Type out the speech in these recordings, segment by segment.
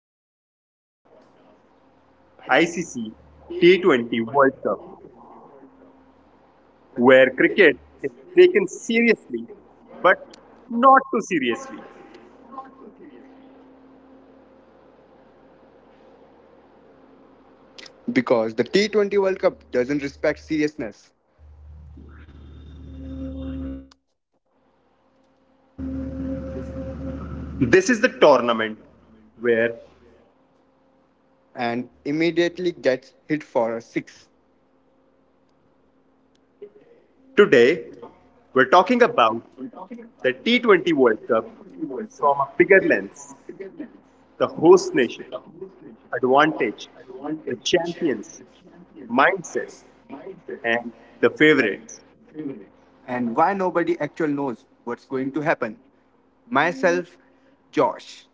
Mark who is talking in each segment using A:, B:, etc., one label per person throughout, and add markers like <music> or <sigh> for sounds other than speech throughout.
A: podcast, ICC T20 World Cup, where cricket is taken seriously but not too seriously.
B: Because the T20 World Cup doesn't respect seriousness
A: This is the tournament where logic shows up.
B: and immediately gets hit for a six.
A: Today, we're talking about the T20 World Cup from a bigger lens, the host nation, advantage, the champions, mindset, and the favorites.
B: And why nobody actually knows what's going to happen? Myself, Josh,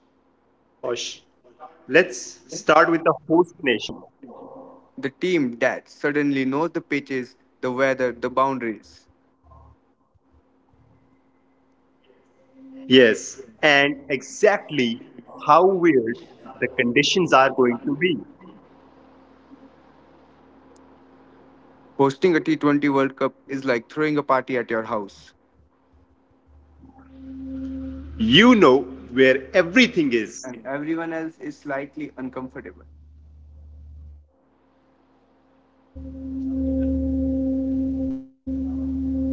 A: Yes, Josh, let's start with the host nation.
B: the team that suddenly knows the pitches, the weather, the boundaries.
A: Yes, and exactly how weird the conditions are going to be.
B: Hosting a T20 World Cup is like throwing a party at your house,
A: You know where everything is
B: and everyone else is slightly uncomfortable.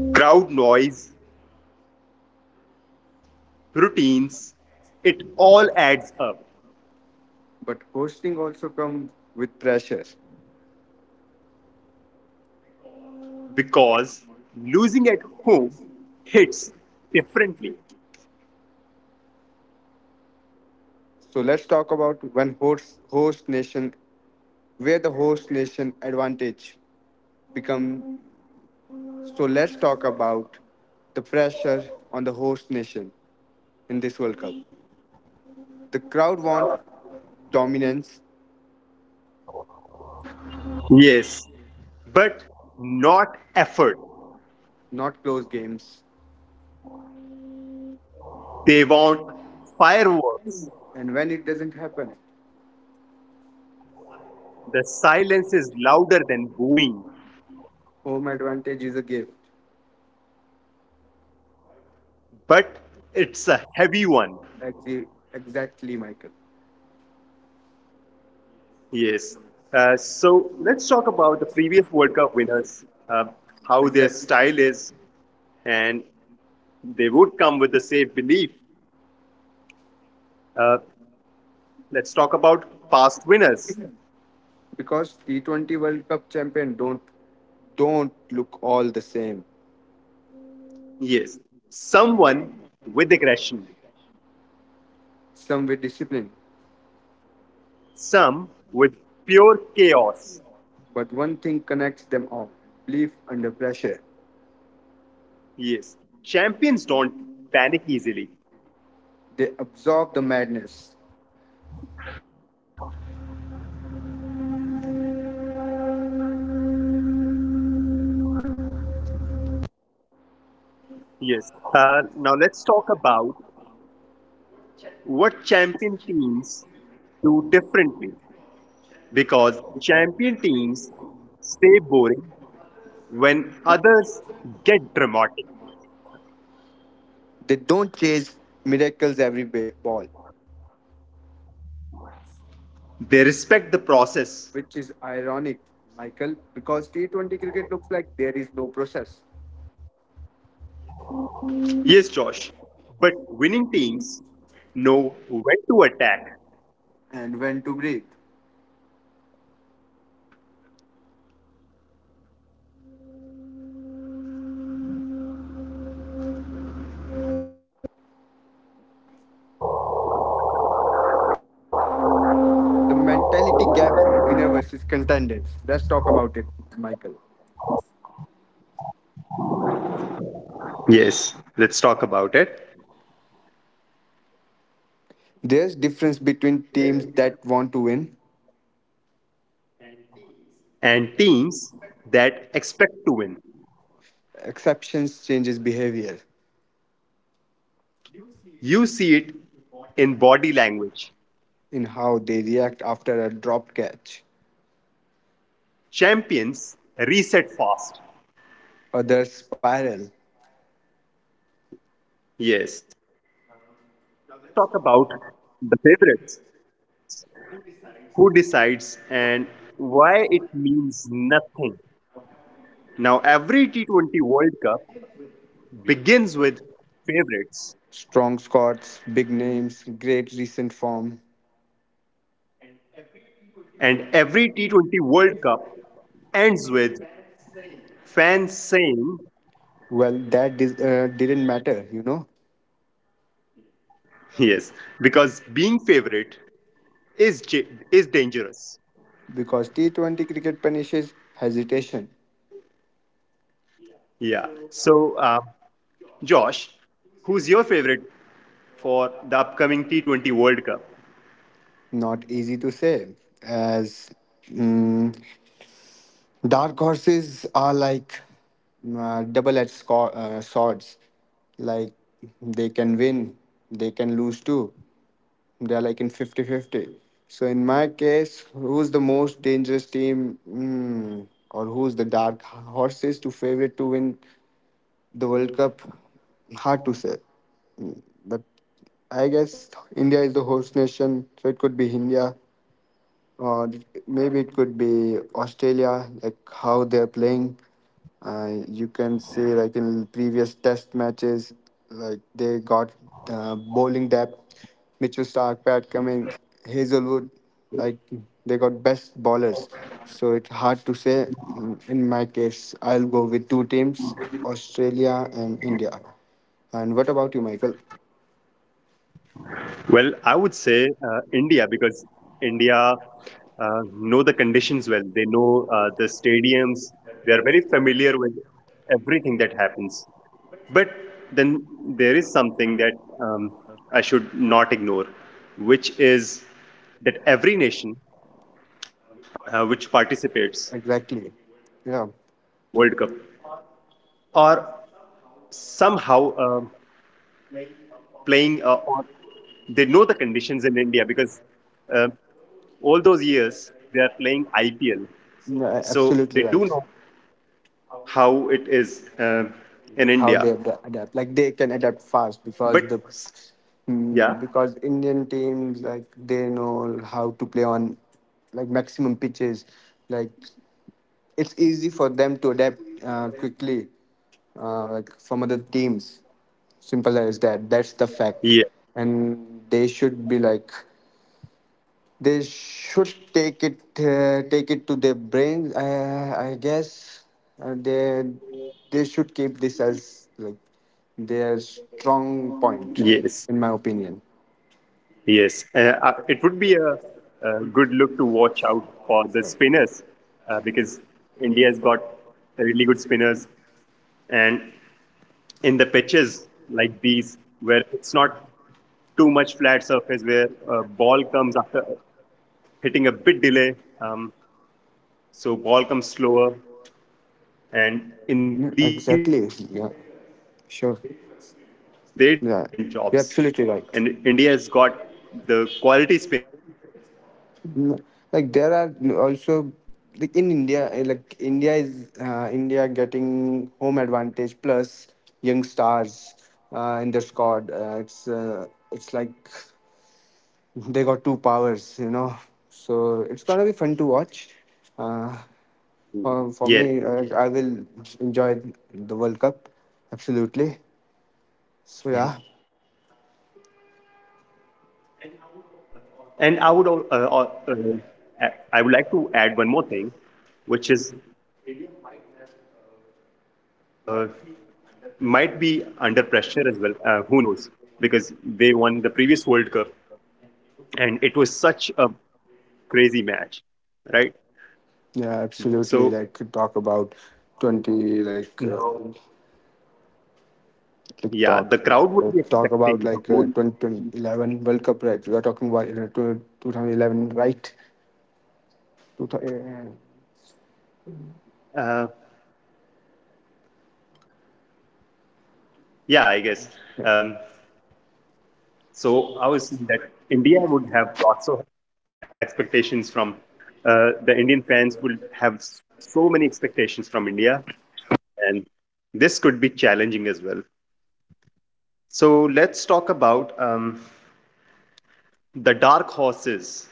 A: crowd noise, familiar grounds, routines. It all adds up
B: But hosting also comes with pressure.
A: because losing at home hits differently.
B: So let's talk about when host, host nation where the host nation advantage become so let's talk about the pressure on the host nation in this world cup. The crowd wants dominance,
A: Yes, but not effort.
B: not close games.
A: They want fireworks.
B: And when it doesn't happen,
A: The silence is louder than booing,
B: home advantage is a gift.
A: but it's a heavy one.
B: Exactly, exactly, Michael.
A: Yes. So let's talk about the previous World Cup winners, uh, how their
B: Exactly,
A: style is, and they would come with the same belief. Uh, let's talk about past winners.
B: because T20 world cup champion don't look all the same,
A: Yes. Someone with aggression,
B: some with discipline,
A: some with pure chaos.
B: but one thing connects them all: belief under pressure.
A: Yes. Champions don't panic easily.
B: They absorb the madness.
A: Yes. Now let's talk about what champion teams do differently because champion teams stay boring when others get dramatic.
B: They don't chase miracles ball,
A: They respect the process.
B: which is ironic, Michael, because T20 cricket looks like there is no process,
A: Yes, Josh. But winning teams know when to attack.
B: and when to breathe. The mentality gap, winner versus contenders. Let's talk about it, Michael.
A: Yes, let's talk about it.
B: There's difference between teams that want to win.
A: And teams that expect to win.
B: Exceptions changes behavior
A: You see it in body language.
B: in how they react after a dropped catch.
A: Champions reset fast.
B: Others spiral.
A: Yes. Talk about the favorites. Who decides and why it means nothing. Now, every T20 World Cup begins with favorites.
B: Strong Scots, big names, great recent form.
A: And every T20 World Cup ends with fans saying,
B: Well, didn't matter,
A: yes, because being favorite is dangerous.
B: because T20 cricket punishes hesitation.
A: Yeah. So, Josh, who's your favorite for the upcoming T20 World Cup?
B: Not easy to say, as mm, dark horses are like double edged swords. Like they can win, they can lose too. They're like in fifty-fifty. So, in my case, who's the most dangerous team, or who's the dark horses to favorite to win the World Cup? Hard to say. But I guess India is the host nation, so it could be India, or maybe it could be Australia, like how they're playing. You can say like in previous test matches, like they got bowling depth, Mitchell Stark, Pat Cummins, Hazelwood, like they got best bowlers. So it's hard to say. In my case, I'll go with two teams: Australia and India. And what about you, Michael?
A: Well, I would say India because India know the conditions well. They know the stadiums. They are very familiar with everything that happens. But then there is something that um, I should not ignore, which is that every nation which participates in this
B: Exactly.
A: T20 World Cup
B: Yeah.
A: are somehow playing, or they know the conditions in India because um all those years they are playing IPL.
B: No,
A: So they do
B: absolutely
A: know
B: right.
A: how it is in
B: Like how
A: India.
B: they adapt, like they can adapt fast
A: But
B: because the—
A: s- yeah,
B: Hmm, because Indian teams like they know how to play on like maximum pitches. Like it's easy for them to adapt quickly, like from other teams. Simple as that. That's
A: yeah,
B: the fact, and they should be like, they should take it to their brains. I guess uh, they they should keep this as like their strong point,
A: yes.
B: in my opinion.
A: Yes, it would be a good look to watch out for the spinners because India has got really good spinners, and in the pitches like these, where it's not too much flat surface, where a ball comes after hitting a bit delay, um, so ball comes slower, and in
B: Yeah,
A: these pitches,
B: exactly. Yeah.
A: spinners
B: Sure.
A: they do excellent jobs,
B: Yeah.
A: and
B: You're
A: India
B: absolutely
A: has got
B: right.
A: the quality spinners in their squad.
B: No. Like there are also, like in India, eh, like India is India getting home advantage plus young stars in their squad. It's like they got two powers, you know. So it's gonna be fun to watch. Uh, for me,
A: Mhm.
B: I
A: Yeah,
B: will enjoy the World Cup absolutely. So yeah,
A: <laughs> yeah. And uh, I would like to add one more thing, which is India might have might be under pressure as well. Who knows? Because they won the previous World Cup, and it was such a crazy match, right?
B: yeah, absolutely.
A: So
B: Like, could talk about 20,
A: yeah, the crowd would be
B: like, talk about
A: expecting the
B: like
A: whole.
B: 20, 2011 World Cup, right? We are talking about, you know, 2011, right? Two, thou- uh,
A: Uh, yeah, I guess. Um, So I was saying that India would have lots of expectations from the Indian fans would have so many expectations from India, and this could be challenging as well.
B: yeah,
A: So
B: absolutely.
A: let's talk about the dark horses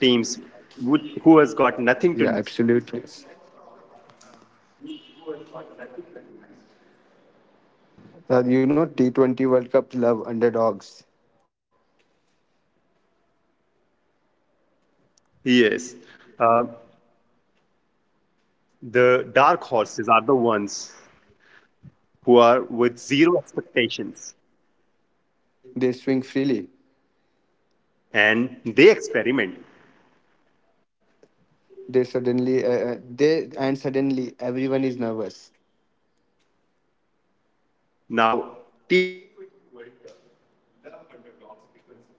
A: teams who has got nothing to do.
B: Yeah. You know, T20 World Cup love underdogs.
A: Yes, uh, the dark horses are the ones who are with zero expectations
B: They swing freely.
A: and they experiment.
B: They suddenly, they and suddenly everyone is nervous.
A: Now, T20 World Cup love underdogs because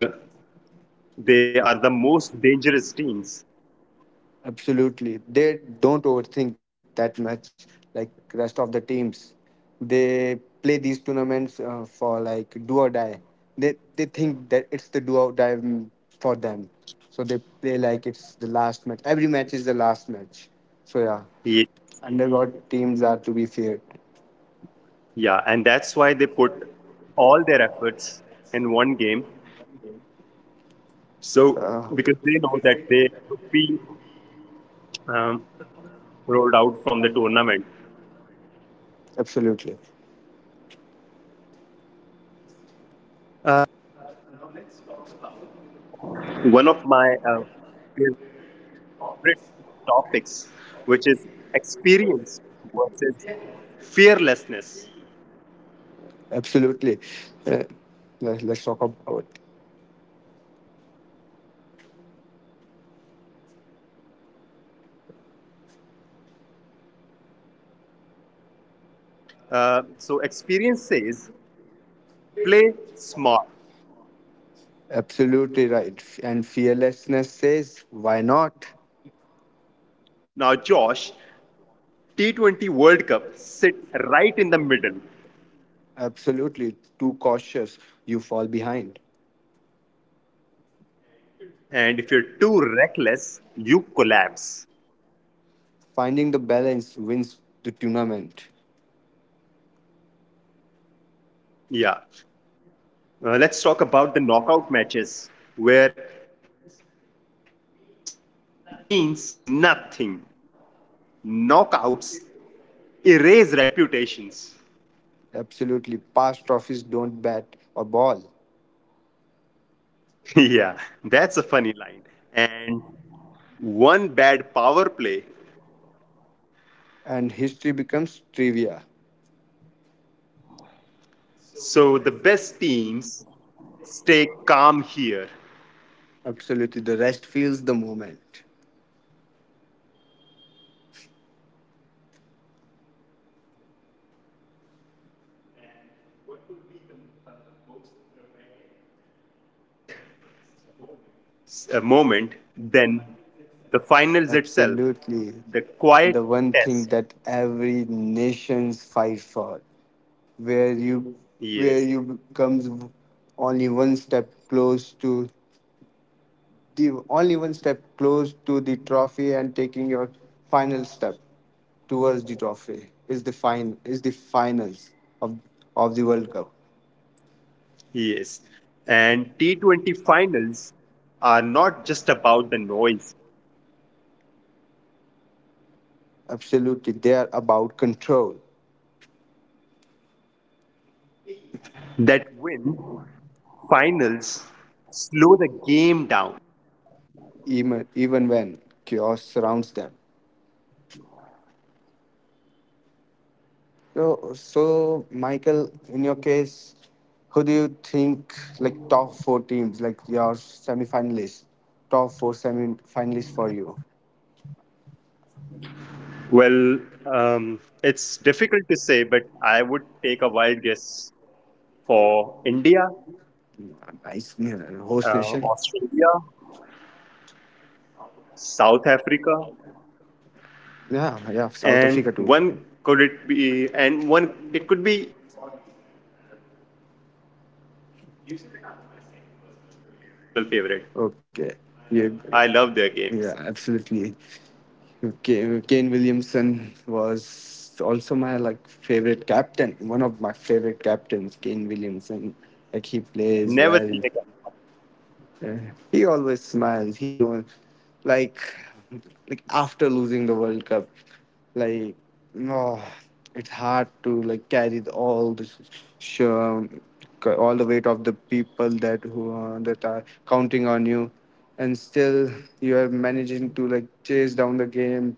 A: uh, they are the most dangerous teams.
B: Absolutely, they don't overthink that much like rest of the teams. They play these tournaments for like do or die. They think that it's the do or die, for them. So they play like it's the last match. Every match is the last match. So yeah,
A: Ye-
B: underdog teams are to be feared.
A: Yeah, and that's why they put all their efforts in one game. So,
B: Uh,
A: because they know that they would be um, rolled out from the tournament.
B: absolutely.
A: One of my favorite topics, which is experience versus fearlessness.
B: Absolutely. Uh, let's talk about it.
A: So, experience says play smart.
B: Absolutely right. And fearlessness says, why not?
A: Now, Josh, T20 World Cup sit right in the middle.
B: Absolutely. Too cautious, you fall behind.
A: And if you're too reckless, you collapse.
B: Finding the balance wins the tournament.
A: Yeah. Let's talk about the knockout matches where history means nothing. Knockouts erase reputations.
B: Absolutely. Past trophies don't bat or ball.
A: <laughs> Yeah, that's a funny line. And one bad power play.
B: And history becomes trivia.
A: So the best teams stay calm here.
B: Absolutely. The rest feels the moment.
A: And what could be the most dramatic a moment, then the finals itself,
B: Absolutely.
A: the quiet
B: The one thing
A: test.
B: that every nation's fight for, where you where
A: Yes,
B: you comes only one step close to the only one step close to the trophy, and taking your final step towards the trophy is the fine is the finals of of the World Cup.
A: yes. And T20 finals are not just about the noise.
B: Absolutely, they are about control,
A: That win finals slow the game down.
B: even when chaos surrounds them. So, so Michael, in your case, who do you think like top four teams, like your semi-finalists, top four semi-finalists for you?
A: Well, it's difficult to say, but I would take a wild guess for India,
B: Nice, yeah, host nation.
A: Australia, South Africa.
B: Yeah, yeah, South
A: And
B: Africa too.
A: one it could be England or New Zealand. I don't know. New Zealand are my second personal favorite.
B: Okay, yeah,
A: I love their
B: yeah,
A: games.
B: absolutely. Kane Williamson was also my like favorite captain, one of my favorite captains, Kane Williamson. Like he plays well.
A: Never seen a game.
B: Yeah. He always smiles. He knows, like, like after losing the World Cup, like, no, it's hard to like carry all the sh- um, all the weight of the people that who are, that are counting on you, and still you are managing to like chase down the game.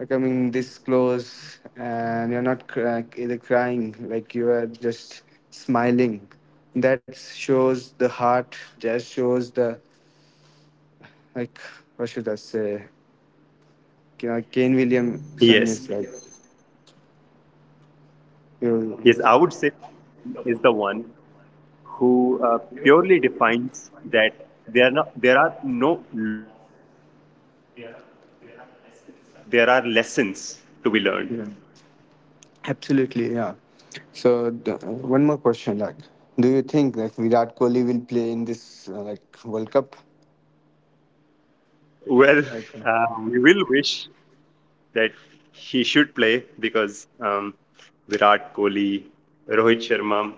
B: Like coming this close, and you're not either crying, like you are just smiling. That shows the heart. Just shows the like. What should I say? You know, Kane
A: Yes,
B: Williamson is like you.
A: yes, I would say is the one who purely defines that there are no losses. There are there are lessons to be learned.
B: Yeah, absolutely. Yeah. So one more question, like, do you think like Virat Kohli will play in this like World Cup?
A: Well,
B: I
A: <laughs>
B: think.
A: uh, we will wish that he should play because Virat Kohli, Rohit Sharma,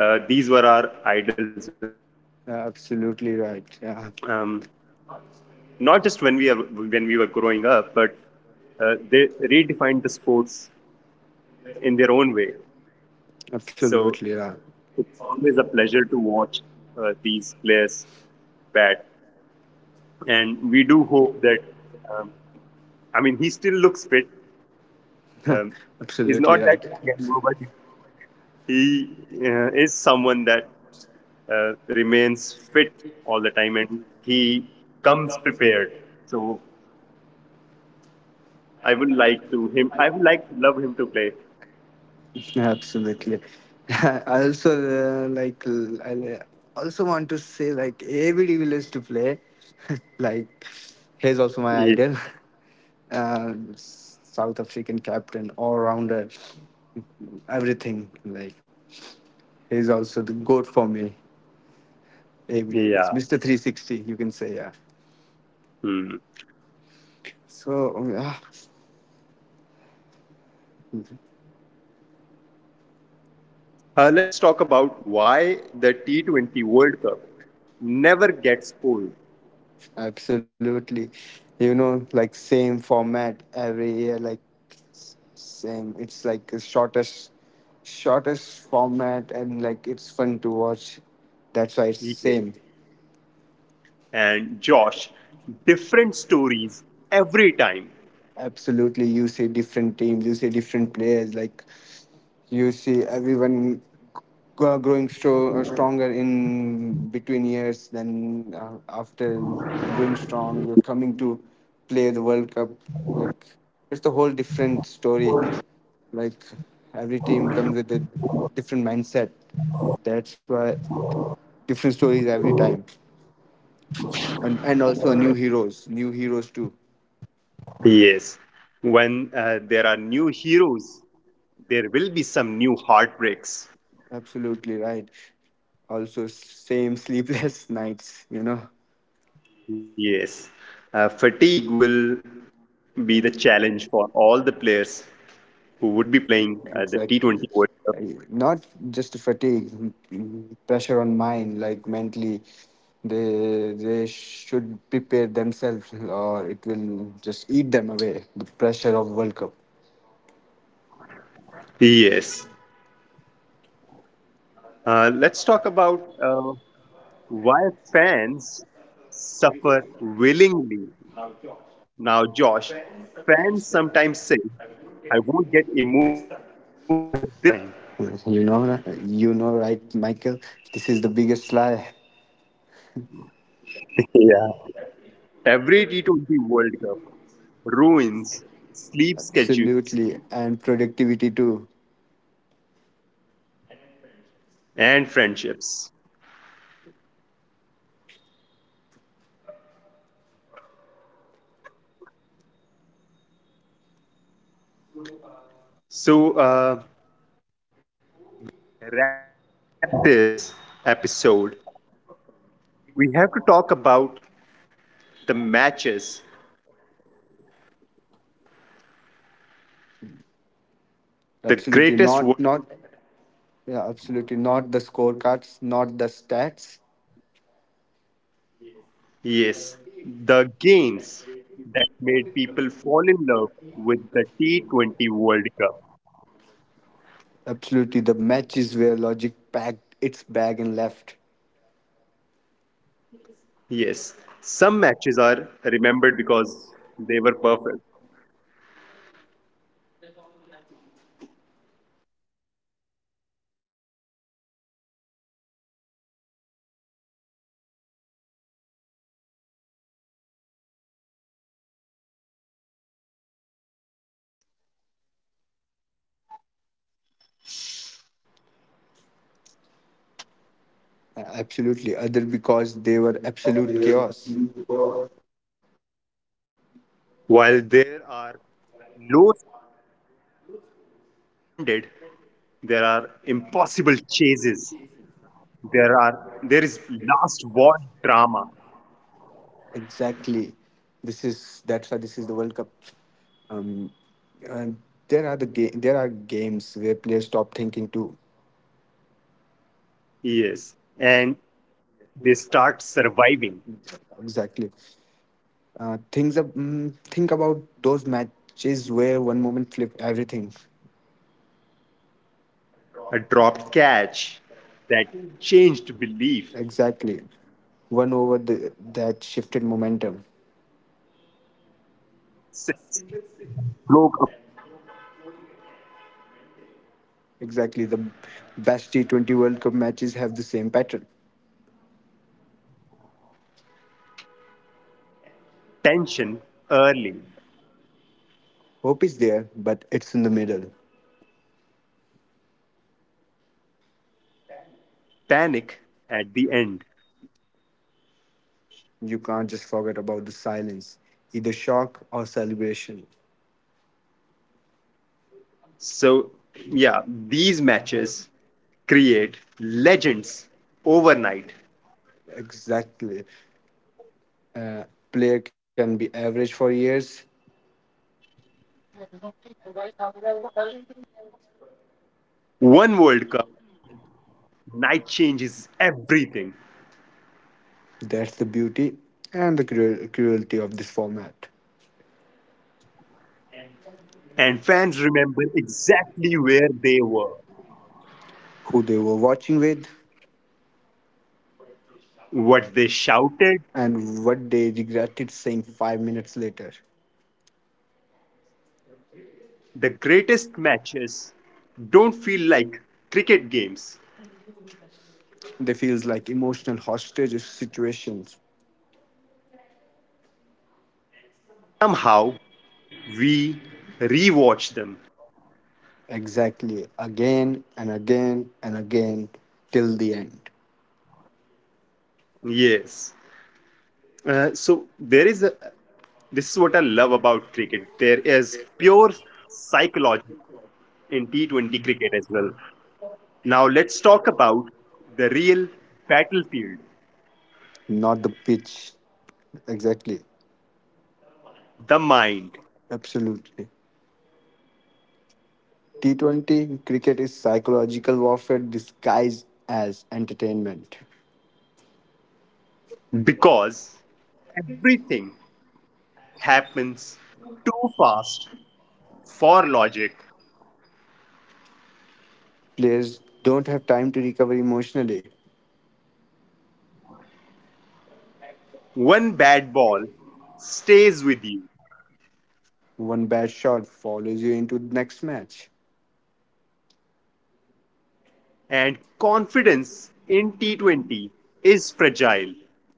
A: these were our idols when
B: Yeah,
A: um,
B: absolutely right. Yeah,
A: not just when we were growing up, but they redefined the sports in their own way. So
B: absolutely right.
A: it's always a pleasure to watch these players bat, and we do hope that. Um, I mean, he still looks fit. Um, he's
B: Absolutely
A: not that
B: right.
A: young, but he is someone that remains fit all the time and he comes prepared. So I would like to him. I would like to love him to play.
B: Absolutely. <laughs> I also also want to say like every devil is to play. <laughs> Like he's also my
A: Ye-
B: idol. <laughs> South African captain, all rounder, everything. Like he's also the goat for me. Every devil
A: Yeah.
B: is Mr. 360. You can say, yeah.
A: Hmm.
B: So yeah.
A: Let's talk about why the T20 World Cup never gets old.
B: Absolutely. You know, like same format every year, like same. It's like the shortest, shortest format, and like it's fun to watch. That's why it's
A: VK
B: same.
A: and Josh, different stories every time.
B: Absolutely, you see different teams, you see different players. Like you see everyone g- growing stronger in between years. Then after growing strong, you're coming to play the World Cup. Like it's a whole different story. Like every team comes with a different mindset. That's why different stories every time, and also new heroes too.
A: Yes. When there are new heroes, there will be some new heartbreaks.
B: Absolutely right. Also, same sleepless <laughs> nights, you know.
A: Yes, fatigue will be the challenge for all the players who would be playing the T20
B: Exactly.
A: World.
B: Not just fatigue, pressure on mind, like mentally. They should prepare themselves, or it will just eat them away. The pressure of World Cup.
A: Yes, let's talk about why fans suffer willingly. Now, Josh, fans sometimes say, "I won't get emotional this time."
B: <laughs> You know, you know, right, Michael? This is the biggest lie.
A: <laughs> Yeah. Every T20 World Cup ruins sleep schedules
B: Absolutely, and productivity too.
A: and friendships. So, wrap this episode we have to talk about the matches,
B: Absolutely,
A: the
B: not not—
A: greatest one,
B: Yeah, absolutely. Not the scorecards, not the stats.
A: yes, the games that made people fall in love with the T20 World Cup.
B: Absolutely. The matches where Logic packed its bag and left.
A: Yes, some matches are remembered because they were perfect.
B: Absolutely. Other because they were absolute chaos.
A: While there are no scores defended, there are impossible chases. There is last war drama.
B: Exactly. This is that's why this is the World Cup. Um, and there are the game. there are games where players stop thinking too.
A: Yes, and they start surviving.
B: Exactly. Think about those matches where one moment flip everything.
A: A dropped catch that changed belief,
B: Exactly. That shifted momentum.
A: broke a bowling attack mentally,
B: Exactly. The best T20 World Cup matches have the same pattern.
A: tension early,
B: Hope is there, but it's in the middle.
A: panic at the end.
B: You can't just forget about the silence, either shock or celebration.
A: So, yeah, these matches create legends overnight.
B: Exactly. Uh, Player can be average for years.
A: One World Cup night changes everything,
B: That's the beauty and the cruelty of this format.
A: and fans remember exactly where they were,
B: Who they were watching with,
A: what they shouted.
B: and what they regretted saying 5 minutes later.
A: The greatest matches don't feel like cricket games.
B: They feels like emotional hostage situations.
A: Somehow, we rewatch them.
B: Exactly. Again and again and again till the end.
A: Yes, so there is a this is what I love about cricket. There is pure psychology in t20 cricket as well. Now let's talk about the real battlefield,
B: Not the pitch. Exactly.
A: the mind,
B: Absolutely. T20 cricket is psychological warfare disguised as entertainment.
A: because everything happens too fast for logic.
B: Players don't have time to recover emotionally.
A: One bad ball stays with you,
B: One bad shot follows you into the next match.
A: and confidence in t20 is fragile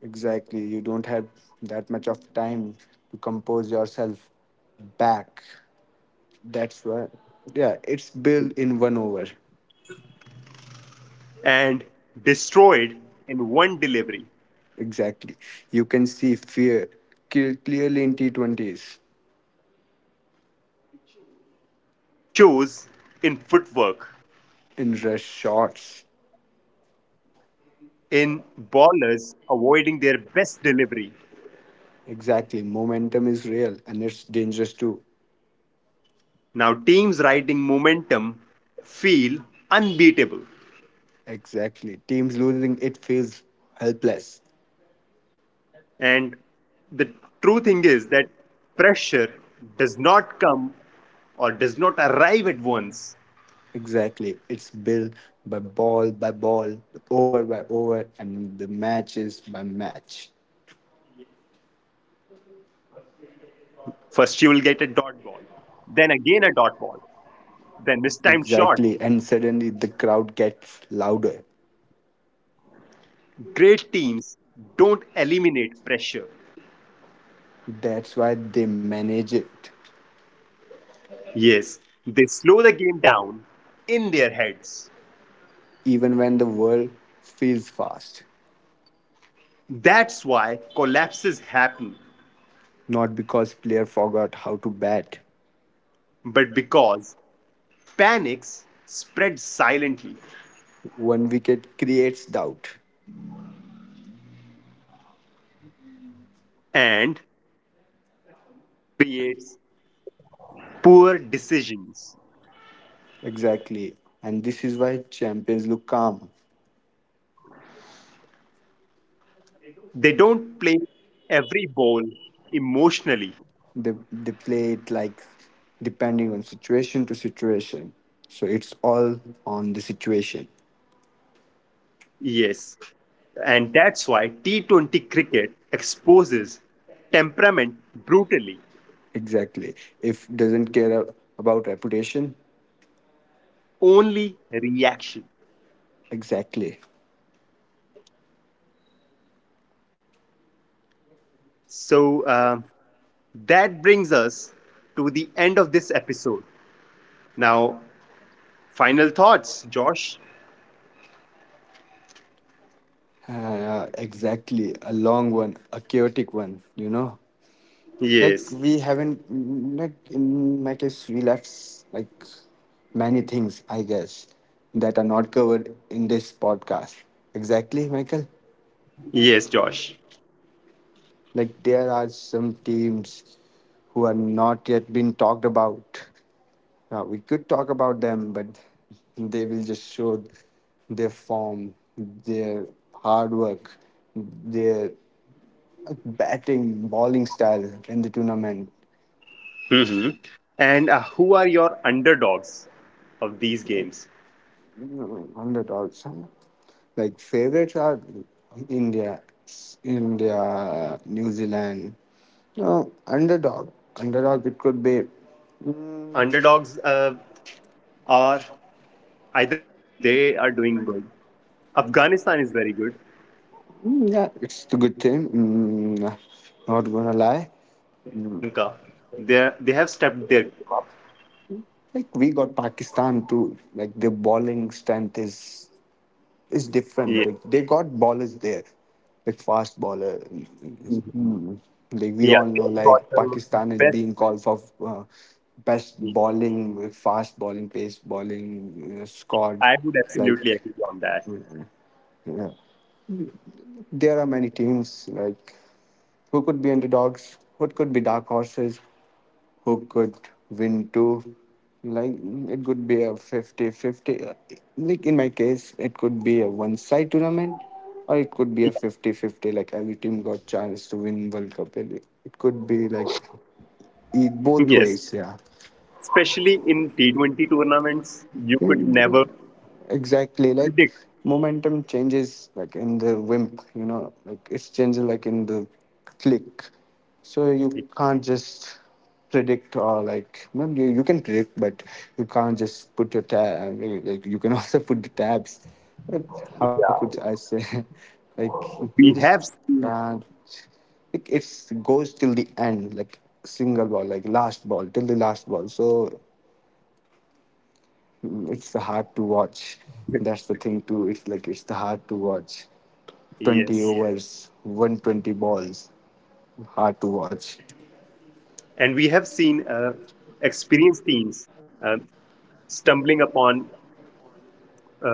B: Exactly. You don't have that much of time to compose yourself back. That's why, yeah, it's built in one over.
A: and destroyed in one delivery.
B: Exactly. You can see fear clearly in T20s,
A: Shows in footwork,
B: in rush shots.
A: in ballers avoiding their best delivery.
B: Exactly. Momentum is real and it's dangerous too.
A: Now, teams riding momentum feel unbeatable.
B: Exactly. Teams losing, it feels helpless.
A: And the true thing is that pressure does not come or does not arrive at once.
B: Exactly. It's built by ball, over by over, and the matches by match.
A: <laughs> Yes, first you will get a dot ball, then again a dot ball, then mistimed shot.
B: Exactly. And suddenly the crowd gets louder.
A: Great teams don't eliminate pressure.
B: That's why they manage it.
A: Yes, they slow the game down in their heads.
B: Even when the world feels fast.
A: That's why collapses happen,
B: Not because player forgot how to bat.
A: but because panics spread silently
B: One wicket creates doubt.
A: and creates poor decisions.
B: Exactly. And this is why champions look calm.
A: They don't play every ball emotionally.
B: They play it like depending on situation to situation. So it's all on the situation.
A: Yes, and that's why T20 cricket exposes temperament brutally,
B: Exactly. If doesn't care about reputation,
A: only reaction.
B: exactly.
A: So, that brings us to the end of this episode. Now, final thoughts, Josh.
B: Exactly. A long one, a chaotic one, you know. Like
A: Yes,
B: we haven't, like in my case we left like many things, I guess, that are not covered in this podcast. Exactly, Michael.
A: yes, Josh.
B: Like there are some teams who are not yet been talked about. Now we could talk about them, but they will just show their form, their hard work, their batting bowling style in the tournament.
A: Hmm. And who are your underdogs of these
B: Like,
A: games?
B: 100 also. Like favorites are India, India, New Zealand. No,
A: For
B: underdog.
A: me,
B: Underdog, it could be.
A: underdogs
B: Mm,
A: are either Bangladesh because they are doing good. Afghanistan is very good.
B: yeah, it's the good thing.
A: Could be
B: Not
A: Sri
B: gonna
A: Lanka.
B: lie.
A: They have stepped their,
B: Like, we got Pakistan too. Like, their bowling strength is
A: yeah.
B: different. Like they got ballers there, like fast baller.
A: Mhm.
B: Mm. Like we
A: Yeah,
B: all know,
A: they've got
B: like
A: the
B: Pakistan is
A: best.
B: being called for best
A: Team.
B: bowling, fast bowling, pace bowling you squad.
A: I would
B: Like,
A: absolutely agree on that.
B: yeah. There are many teams like who could be underdogs, who could be dark horses, who could win too. Like it could be a fifty-fifty. Like in my case, it could be a one-side tournament, or it could be a fifty-fifty. Like every team got chance to win World Cup. It could be like it
A: Yes,
B: both ways. Yeah.
A: especially in T20 tournaments, you could never
B: Exactly, like
A: predict
B: momentum changes like in the wimp, you know, like it's changes like in the click. So you
A: it.
B: can't just predict, or like, well, you can predict, but you can't just put your tab, like you can <laughs> also put the tabs, but how could I say, <laughs> like you
A: We
B: just
A: have seen,
B: can't. Like it's goes till the end, like single ball, like last ball till the last ball. So it's hard to watch. That's the thing too. It's like it's the hard to watch. 20
A: yes,
B: overs, 120 balls. Hard to watch.
A: and we have seen experienced teams um stumbling upon, uh,
B: Ab-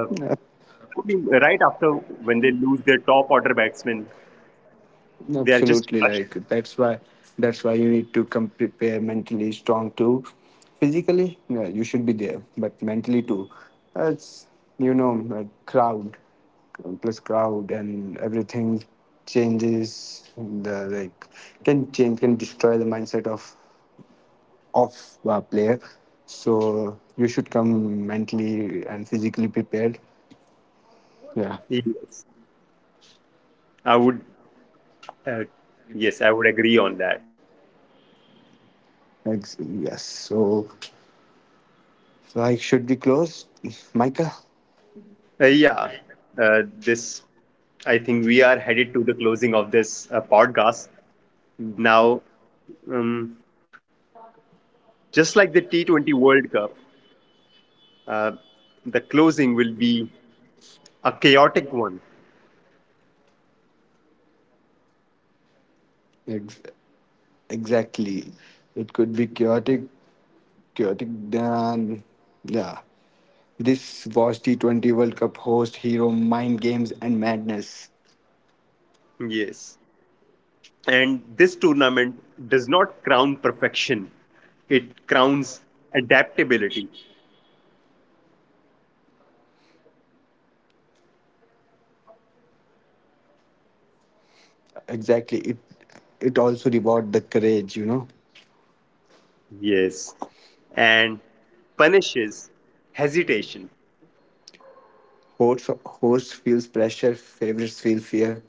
A: right after when they lose their top order batsman. They are
B: Absolutely,
A: just
B: like
A: crushed.
B: that's why you need to come prepare mentally strong too. Physically, yeah, you should be there, but mentally too. That's, you know, like crowd, plus crowd and everything changes the like can change can destroy the mindset of a player. So you should come mentally and physically prepared. Yeah.
A: Yes, I would. Uh, yes, I would agree on that.
B: Yes. So, like, should we close, Micah?
A: Yeah, uh, this. I think we are headed to the closing of this podcast now. Um, just like the T20 World Cup, uh, the closing will be a chaotic one.
B: Ex- exactly. It could be chaotic, chaotic. Then, yeah. This was T20 World Cup, host hero, mind games and madness.
A: Yes. And this tournament does not crown perfection, it crowns adaptability.
B: Exactly. It also reward the courage. You know,
A: Yes. And punishes hesitation.
B: host host feels pressure, favorites feel fear,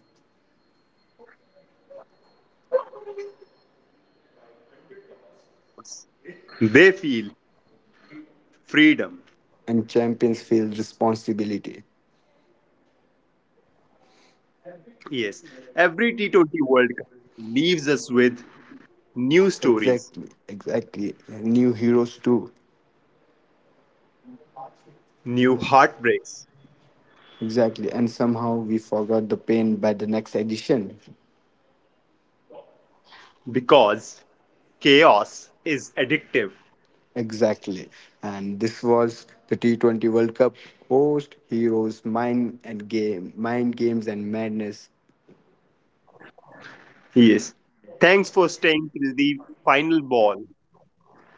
A: They feel freedom.
B: and champions feel responsibility.
A: Yes. Every T20 World Cup leaves us with new stories,
B: Exactly, exactly. New heroes too.
A: new heartbreaks,
B: Exactly. And somehow we forgot the pain by the next edition.
A: because chaos is addictive.
B: Exactly. And this was the T20 World Cup, host heroes, mind and game, mind games and madness.
A: Yes. Thanks for staying till the final ball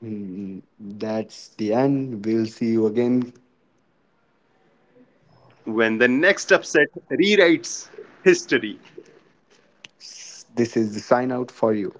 B: Hmm, that's the end. We'll see you again.
A: when the next upset rewrites history.
B: This is the sign out for you.